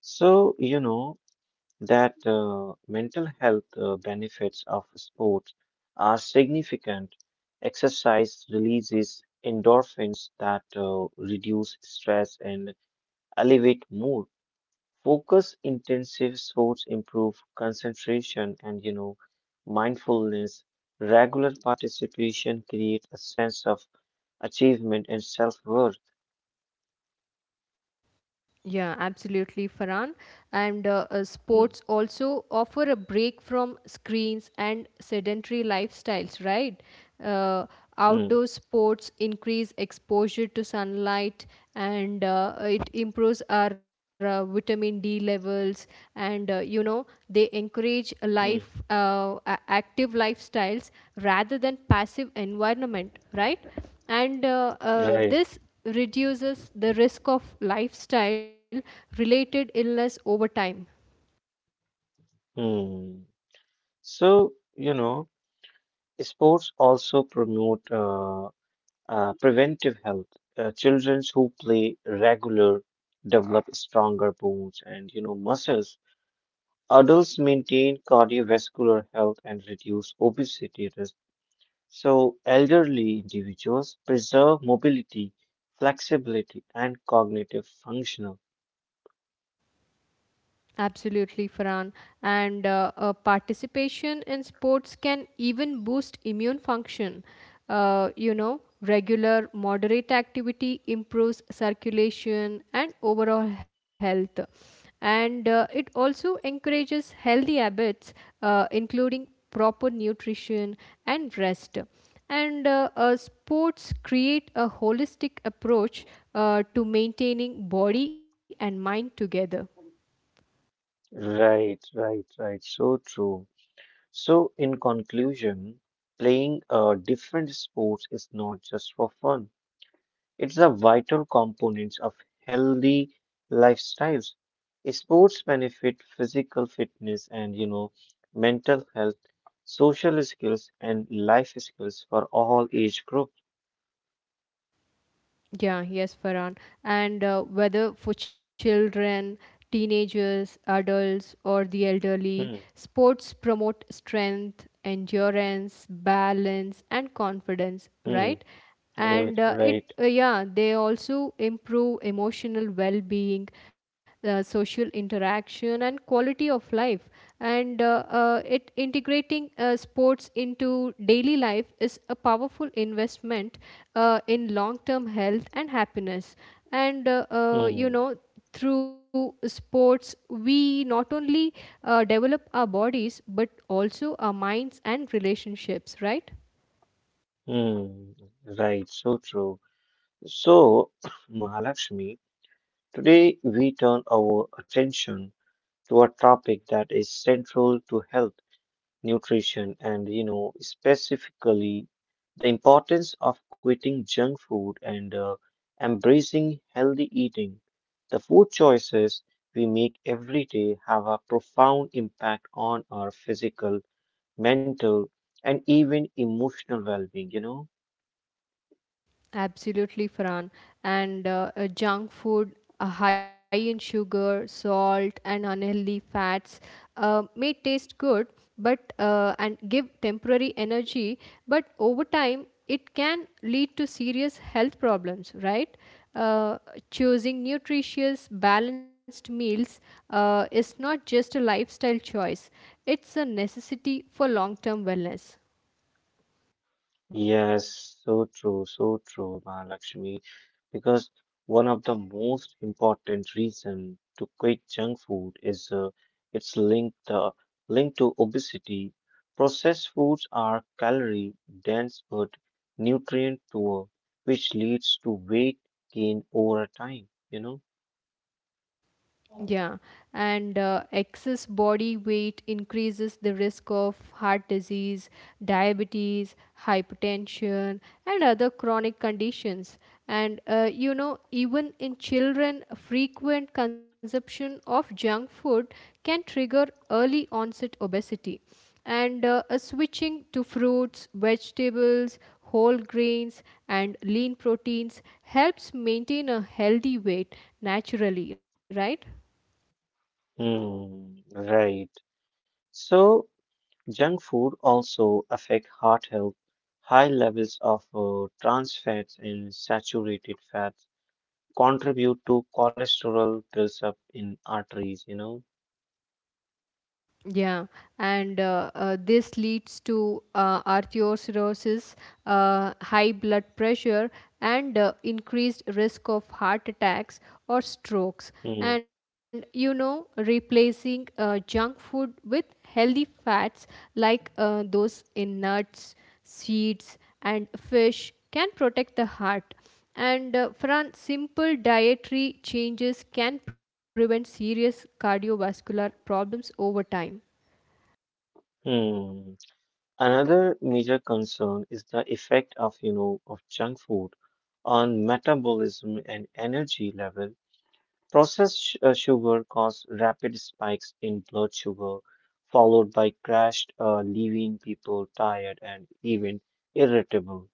So, you know, that uh, mental health uh, benefits of sports are significant. Exercise releases endorphins that uh, reduce stress and elevate mood. Focus intensive sports improve concentration and you know mindfulness. Regular participation creates a sense of achievement and self-worth.
Yeah, absolutely, Farhan. And uh, uh,
Mm,
sports also offer a break from screens and sedentary lifestyles, right? Uh,
mm,
Outdoor sports increase exposure to sunlight and uh, it improves our uh, vitamin D levels. And uh, you know, they encourage a life,
mm.
uh, a- active lifestyles rather than passive environment, right? and uh, uh,
Right.
this reduces the risk of lifestyle related illness over time.
Mm. So, you know. Sports also promote uh, uh, preventive health. Uh, children who play regular develop stronger bones and you know muscles. Adults maintain cardiovascular health and reduce obesity risk. So elderly individuals preserve mobility, flexibility, and cognitive functional.
Absolutely, Farhan. And uh, uh, participation in sports can even boost immune function. Uh, you know, regular, moderate activity improves circulation and overall health. And uh, it also encourages healthy habits, uh, including proper nutrition and rest. And uh, uh, sports create a holistic approach uh, to maintaining body and mind together.
Right, right, right. So true. So in conclusion, playing uh, different sports is not just for fun. It's a vital component of healthy lifestyles. Sports benefit physical fitness and you know mental health, social skills and life skills for all age groups.
Yeah, yes, Farhan. And uh, whether for children, teenagers, adults, or the elderly,
Hmm,
sports promote strength, endurance, balance, and confidence,
hmm,
right? And
right,
uh, it,
right.
uh, yeah, they also improve emotional well being, uh, social interaction and quality of life, and uh, uh, it integrating uh, sports into daily life is a powerful investment uh, in long term health and happiness, and uh, uh, you
Hmm,
know through sports we not only uh, develop our bodies but also our minds and relationships, right?
hmm, right, so true. So, Mahalakshmi, today we turn our attention to a topic that is central to health, nutrition, and you know, specifically the importance of quitting junk food and uh, embracing healthy eating. The food choices we make every day have a profound impact on our physical, mental, and even emotional well being, you know?
Absolutely, Fran. And uh, uh, junk food uh, high in sugar, salt, and unhealthy fats uh, may taste good, but uh, and give temporary energy, but over time it can lead to serious health problems. Right? Uh, Choosing nutritious, balanced meals uh, is not just a lifestyle choice; it's a necessity for long-term wellness.
Yes, so true, so true, Mahalakshmi. Because one of the most important reason to quit junk food is uh, its linked the link to obesity. Processed foods are calorie dense but nutrient poor, which leads to weight gain over time. You know.
Yeah, and uh, excess body weight increases the risk of heart disease, diabetes, hypertension, and other chronic conditions. And uh, you know, even in children, frequent consumption of junk food can trigger early onset obesity. And uh, a switching to fruits, vegetables, whole grains, and lean proteins helps maintain a healthy weight naturally, right?
Hmm, right. So, junk food also affect heart health. High levels of uh, trans fats and saturated fats contribute to cholesterol builds up in arteries, you know.
Yeah, and uh, uh, this leads to uh, arteriosclerosis, uh, high blood pressure, and uh, increased risk of heart attacks or strokes.
Hmm.
And you know, replacing uh, junk food with healthy fats like uh, those in nuts, seeds, and fish can protect the heart. And uh, Fran, simple dietary changes can prevent serious cardiovascular problems over time.
Hmm. Another major concern is the effect of, you know, of junk food on metabolism and energy level. Processed sh- uh, sugar cause rapid spikes in blood sugar, followed by crash, uh, leaving people tired and even irritable.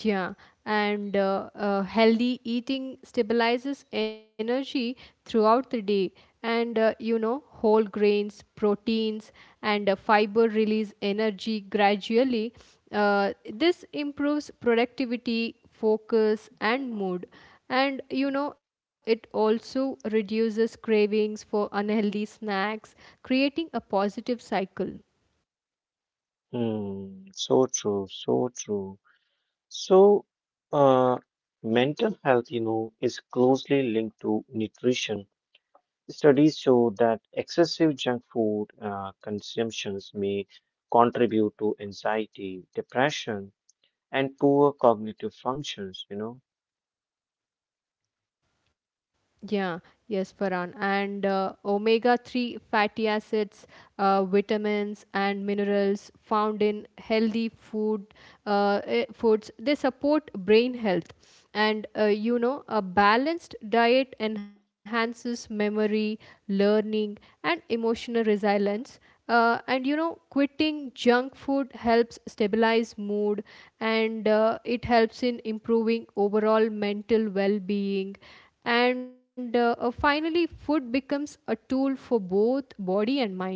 Yeah, and uh, uh, healthy eating stabilizes energy throughout the day. And uh, you know, whole grains, proteins, and uh, fiber release energy gradually. Uh, this improves productivity, focus, and mood. And you know, it also reduces cravings for unhealthy snacks, creating a positive cycle.
Hmm. So true. So true. So, uh, mental health, you know, is closely linked to nutrition. Studies show that excessive junk food uh, consumptions may contribute to anxiety, depression, and poor cognitive functions, you know.
Yeah, yes, Farhan. And uh, omega three fatty acids, uh, vitamins, and minerals found in healthy food uh, eh, foods, they support brain health. And uh, you know, a balanced diet enhances memory, learning, and emotional resilience. Uh, and you know, quitting junk food helps stabilize mood and uh, it helps in improving overall mental well being, and uh, uh, finally food becomes a tool for both body and mind.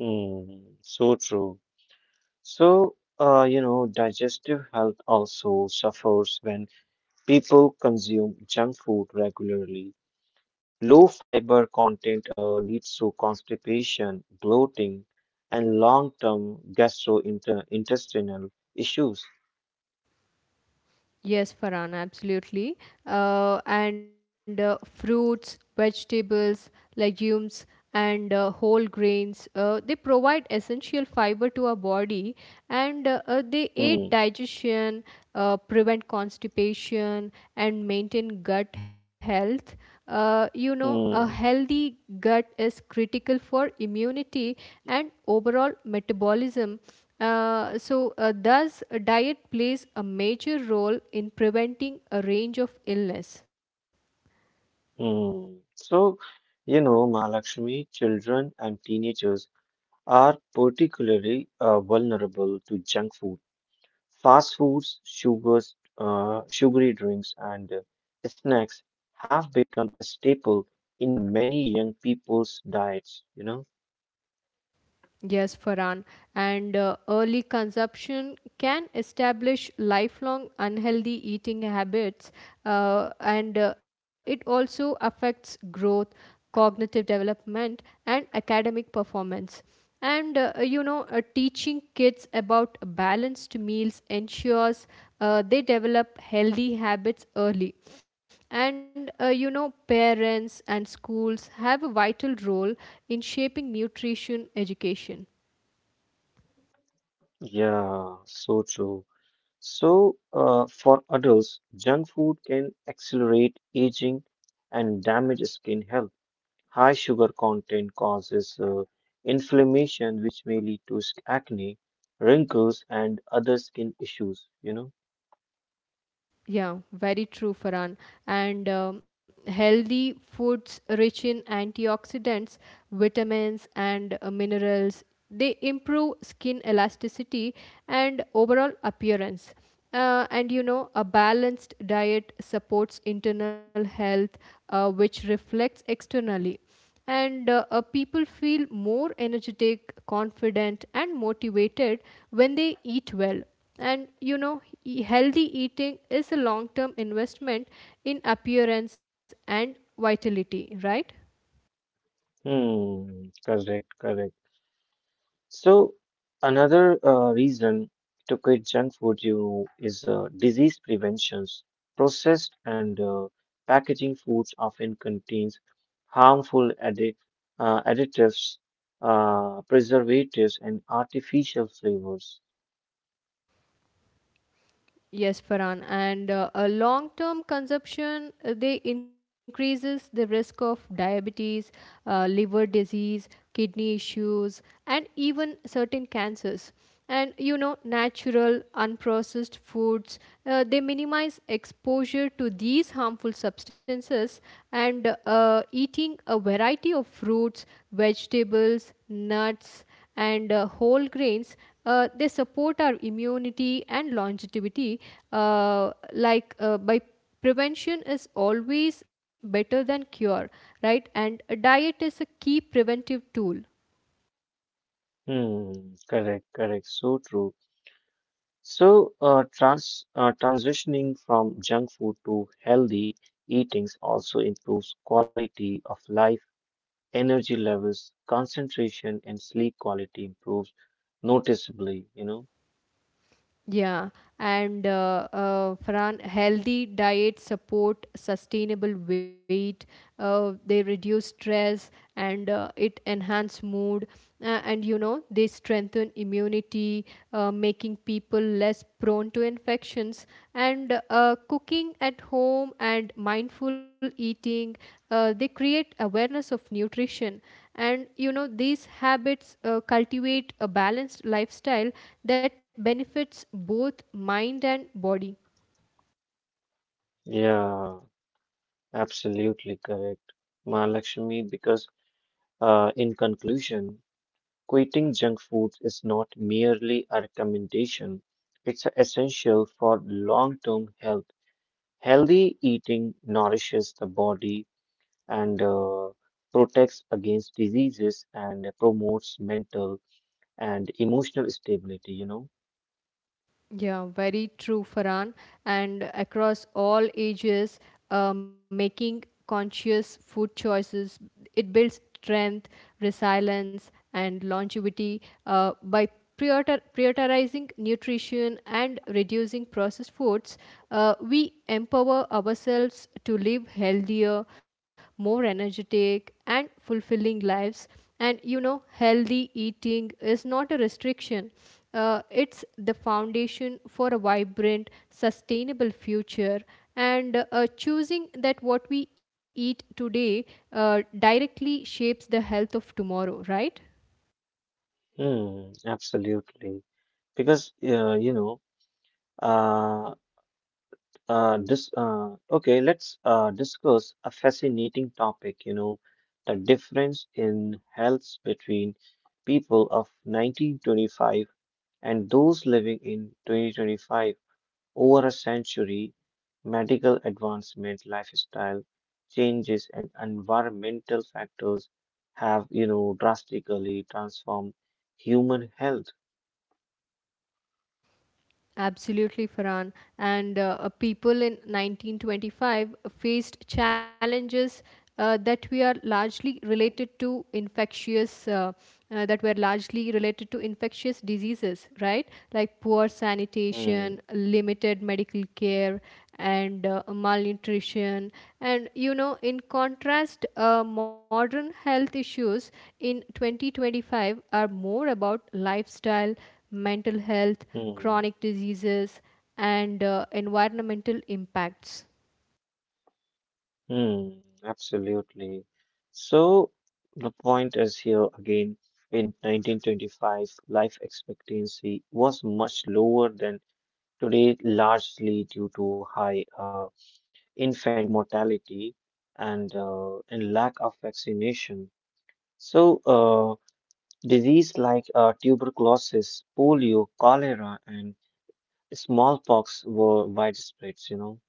Mm, so true. So, uh, you know, digestive health also suffers when people consume junk food regularly. Low fiber content uh, leads to constipation, bloating, and long term gastrointestinal issues.
Yes, Farhan, absolutely. Uh, and uh, Fruits, vegetables, legumes, and uh, whole grains, uh, they provide essential fiber to our body, and uh, uh, they aid
Hmm,
digestion, uh, prevent constipation, and maintain gut health. Uh, you know, a
hmm,
healthy gut is critical for immunity and overall metabolism, uh, so, uh, thus, diet plays a major role in preventing a range of illness.
hmm. So, you know, Mahalakshmi, children and teenagers are particularly uh, vulnerable to junk food, fast foods, sugars, uh, sugary drinks, and uh, snacks have become a staple in many young people's diets, you know.
Yes, Farhan. And uh, early consumption can establish lifelong unhealthy eating habits, uh, and uh, it also affects growth, cognitive development, and academic performance. And uh, you know, uh, teaching kids about balanced meals ensures uh, they develop healthy habits early. And uh, you know, parents and schools have a vital role in shaping nutrition education.
Yeah, so true. So, uh, for adults, junk food can accelerate aging and damage skin health. High sugar content causes uh, inflammation, which may lead to sk- acne, wrinkles, and other skin issues. You know.
Yeah, very true, Farhan. And um, healthy foods rich in antioxidants, vitamins, and uh, minerals. They improve skin elasticity and overall appearance. Uh, and you know, a balanced diet supports internal health, uh, which reflects externally, and uh, uh, people feel more energetic, confident and motivated when they eat well, and you know e- healthy eating is a long term investment in appearance and vitality, right?
Hmm. Correct. Correct. So, another uh, reason to quit junk food, you know, is uh, disease preventions. Processed and uh, packaging foods often contains harmful addi- uh, additives, uh, preservatives, and artificial flavors.
Yes, Farhan. And uh, a long-term consumption, uh, they increases the risk of diabetes, uh, liver disease, kidney issues, and even certain cancers. And you know, natural, unprocessed foods, uh, they minimize exposure to these harmful substances. And uh, eating a variety of fruits, vegetables, nuts, and uh, whole grains, uh, they support our immunity and longevity, uh, like uh, by prevention is always better than cure, right? And a diet is a key preventive tool.
Hmm, correct, correct, so true. So, uh, trans uh, transitioning from junk food to healthy eatings also improves quality of life energy levels, concentration, and sleep quality improves noticeably, you know.
Yeah, and uh, uh, Farhan, healthy diets support sustainable weight. Uh, they reduce stress and uh, it enhance mood, uh, and you know they strengthen immunity, uh, making people less prone to infections. And uh, cooking at home and mindful eating, uh, they create awareness of nutrition, and you know these habits uh, cultivate a balanced lifestyle that benefits both mind and body.
Yeah, absolutely correct, Mahalakshmi, because uh, in conclusion, quitting junk foods is not merely a recommendation, it's essential for long-term health. Healthy eating nourishes the body and uh, protects against diseases and promotes mental and emotional stability, you know.
Yeah, very true, Farhan. And across all ages, uh, making conscious food choices, it builds strength, resilience, and longevity uh, by priorita- prioritizing nutrition and reducing processed foods. Uh, we empower ourselves to live healthier, more energetic, and fulfilling lives. And you know, healthy eating is not a restriction, uh, it's the foundation for a vibrant, sustainable future. And uh, choosing that what we eat today uh, directly shapes the health of tomorrow, right?
Mm, absolutely. Because uh, you know, uh, uh, this uh, okay, let's uh, discuss a fascinating topic, you know, the difference in health between people of nineteen twenty-five and those living in twenty twenty-five over a century, medical advancement, lifestyle changes, and environmental factors have, you know, drastically transformed human health.
Absolutely, Farhan. And uh, uh, people in nineteen twenty-five faced challenges, uh, that we are largely related to infectious, uh, uh, that were largely related to infectious diseases, right? Like poor
Hmm.
sanitation, limited medical care, and uh, malnutrition. And you know, in contrast, uh, modern health issues in twenty twenty-five are more about lifestyle, mental health,
Hmm.
chronic diseases, and uh, environmental impacts.
Hmm. Absolutely. So the point is here again, in nineteen twenty-five, life expectancy was much lower than today, largely due to high uh, infant mortality and uh, and lack of vaccination. So uh, disease like uh, tuberculosis, polio, cholera, and smallpox were widespread, you know.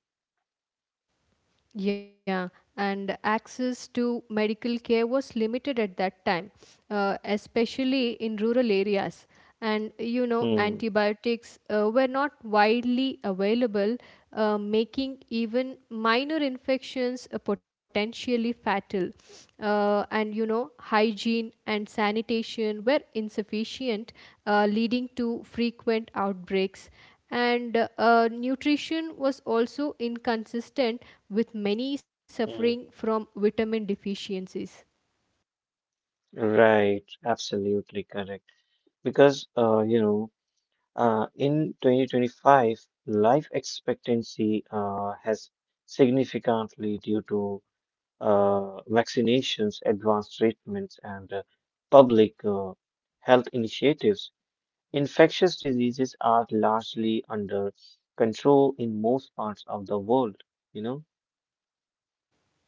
Yeah, and access to medical care was limited at that time, uh, especially in rural areas. And you know,
Hmm.
antibiotics uh, were not widely available, uh, making even minor infections uh, potentially fatal. Uh, and you know, hygiene and sanitation were insufficient, uh, leading to frequent outbreaks, and uh, nutrition was also inconsistent, with many suffering
Hmm.
from vitamin deficiencies.
Right, absolutely correct. Because uh, you know uh, in twenty twenty-five life expectancy uh, has significantly due to uh, vaccinations advanced treatments and uh, public uh, health initiatives infectious diseases are largely under control in most parts of the world you know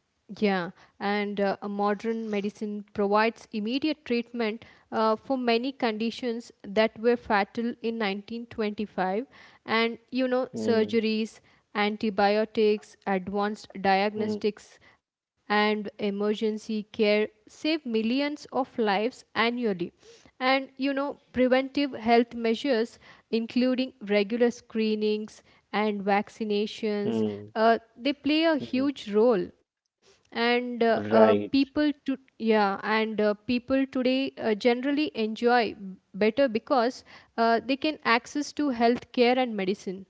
Yeah, and uh, a modern medicine provides immediate treatment uh, for many conditions that were fatal in nineteen twenty-five, and you know
mm,
surgeries, antibiotics, advanced
mm,
diagnostics, and emergency care save millions of lives annually. And you know, preventive health measures, including regular screenings and vaccinations,
mm,
uh, they play a
mm.
huge role. And uh, uh, people
Right,
to yeah, and uh, people today uh, generally enjoy better because uh, they can access to health care and medicine.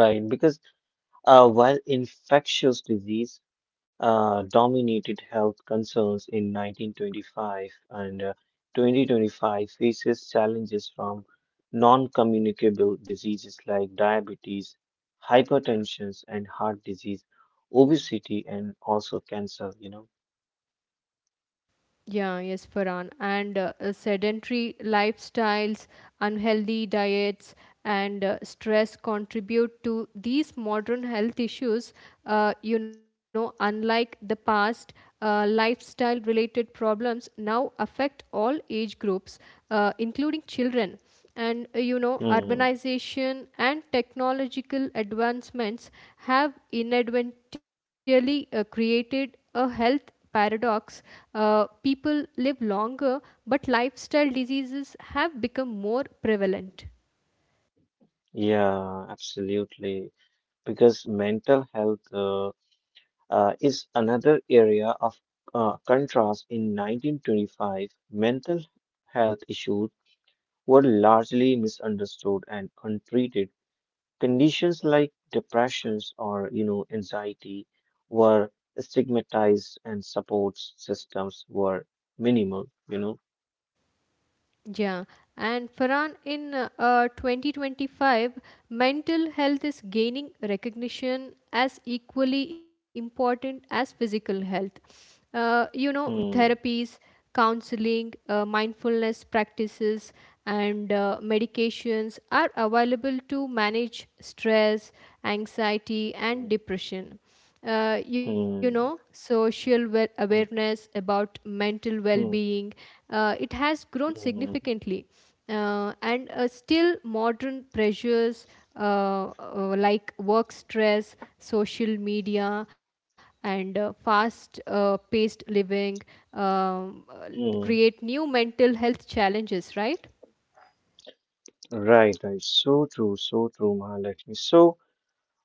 right. Because uh, while infectious disease uh, dominated health concerns in nineteen twenty-five and uh, twenty twenty-five faces challenges from non-communicable diseases like diabetes, hypertension and heart disease, obesity and also cancer, you know.
Yeah, yes, Farhan. And uh, uh, sedentary lifestyles, unhealthy diets, and uh, stress contribute to these modern health issues. Uh, you know, unlike the past, uh, lifestyle related problems now affect all age groups, uh, including children, and uh, you know
Hmm.
urbanization and technological advancements have inadvertently uh, created a health paradox: uh, people live longer but lifestyle diseases have become more prevalent.
Yeah, absolutely. Because mental health uh, uh, is another area of uh, contrast in nineteen twenty-five. Mental health issues were largely misunderstood and untreated. Conditions like depressions or you know anxiety were stigmatized and support systems were minimal, you know.
Yeah, and Farhan, in uh, uh, twenty twenty-five, mental health is gaining recognition as equally important as physical health. Uh, you know,
Hmm,
therapies, counseling, uh, mindfulness practices, and uh, medications are available to manage stress, anxiety,
hmm,
and depression. Uh, you know
hmm,
social wa-
hmm,
awareness about mental
hmm,
well-being, uh, it has grown
hmm,
significantly, uh, and uh, still modern pressures, uh, uh, like work stress, social media, and uh, fast uh, paced living, um, uh,
hmm.
create new mental health challenges, right?
Right, right. So true, so true, Mahalakshmi. So,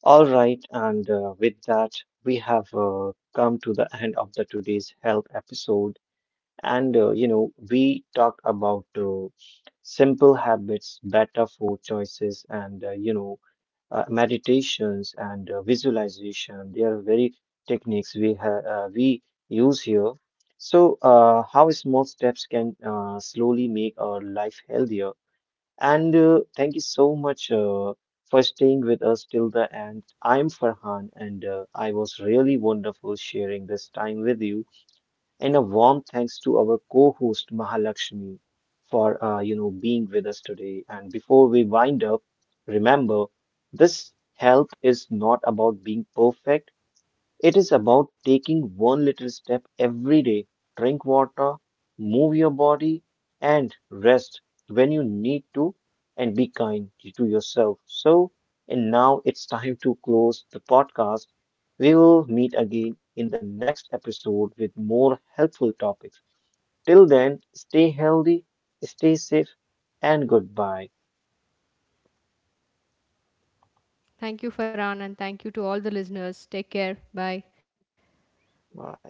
all right, and uh, with that, we have uh, come to the end of the today's health episode. And uh, you know, we talked about uh, simple habits, better food choices, and uh, you know, uh, meditations and uh, visualization. They are very techniques we have uh, we use here. So, uh, how small steps can uh, slowly make our life healthier. And uh, thank you so much uh, for staying with us till the end. I'm Farhan, and uh, I was really wonderful sharing this time with you. And a warm thanks to our co-host Mahalakshmi for uh, you know being with us today. And before we wind up, remember this health is not about being perfect, it is about taking one little step every day. Drink water, move your body, and rest when you need to, and be kind to yourself. So, and now it's time to close the podcast. We will meet again in the next episode with more helpful topics. Till then, stay healthy, stay safe, and goodbye.
Thank you, Farhan, and thank you to all the listeners. Take care. Bye.
Bye.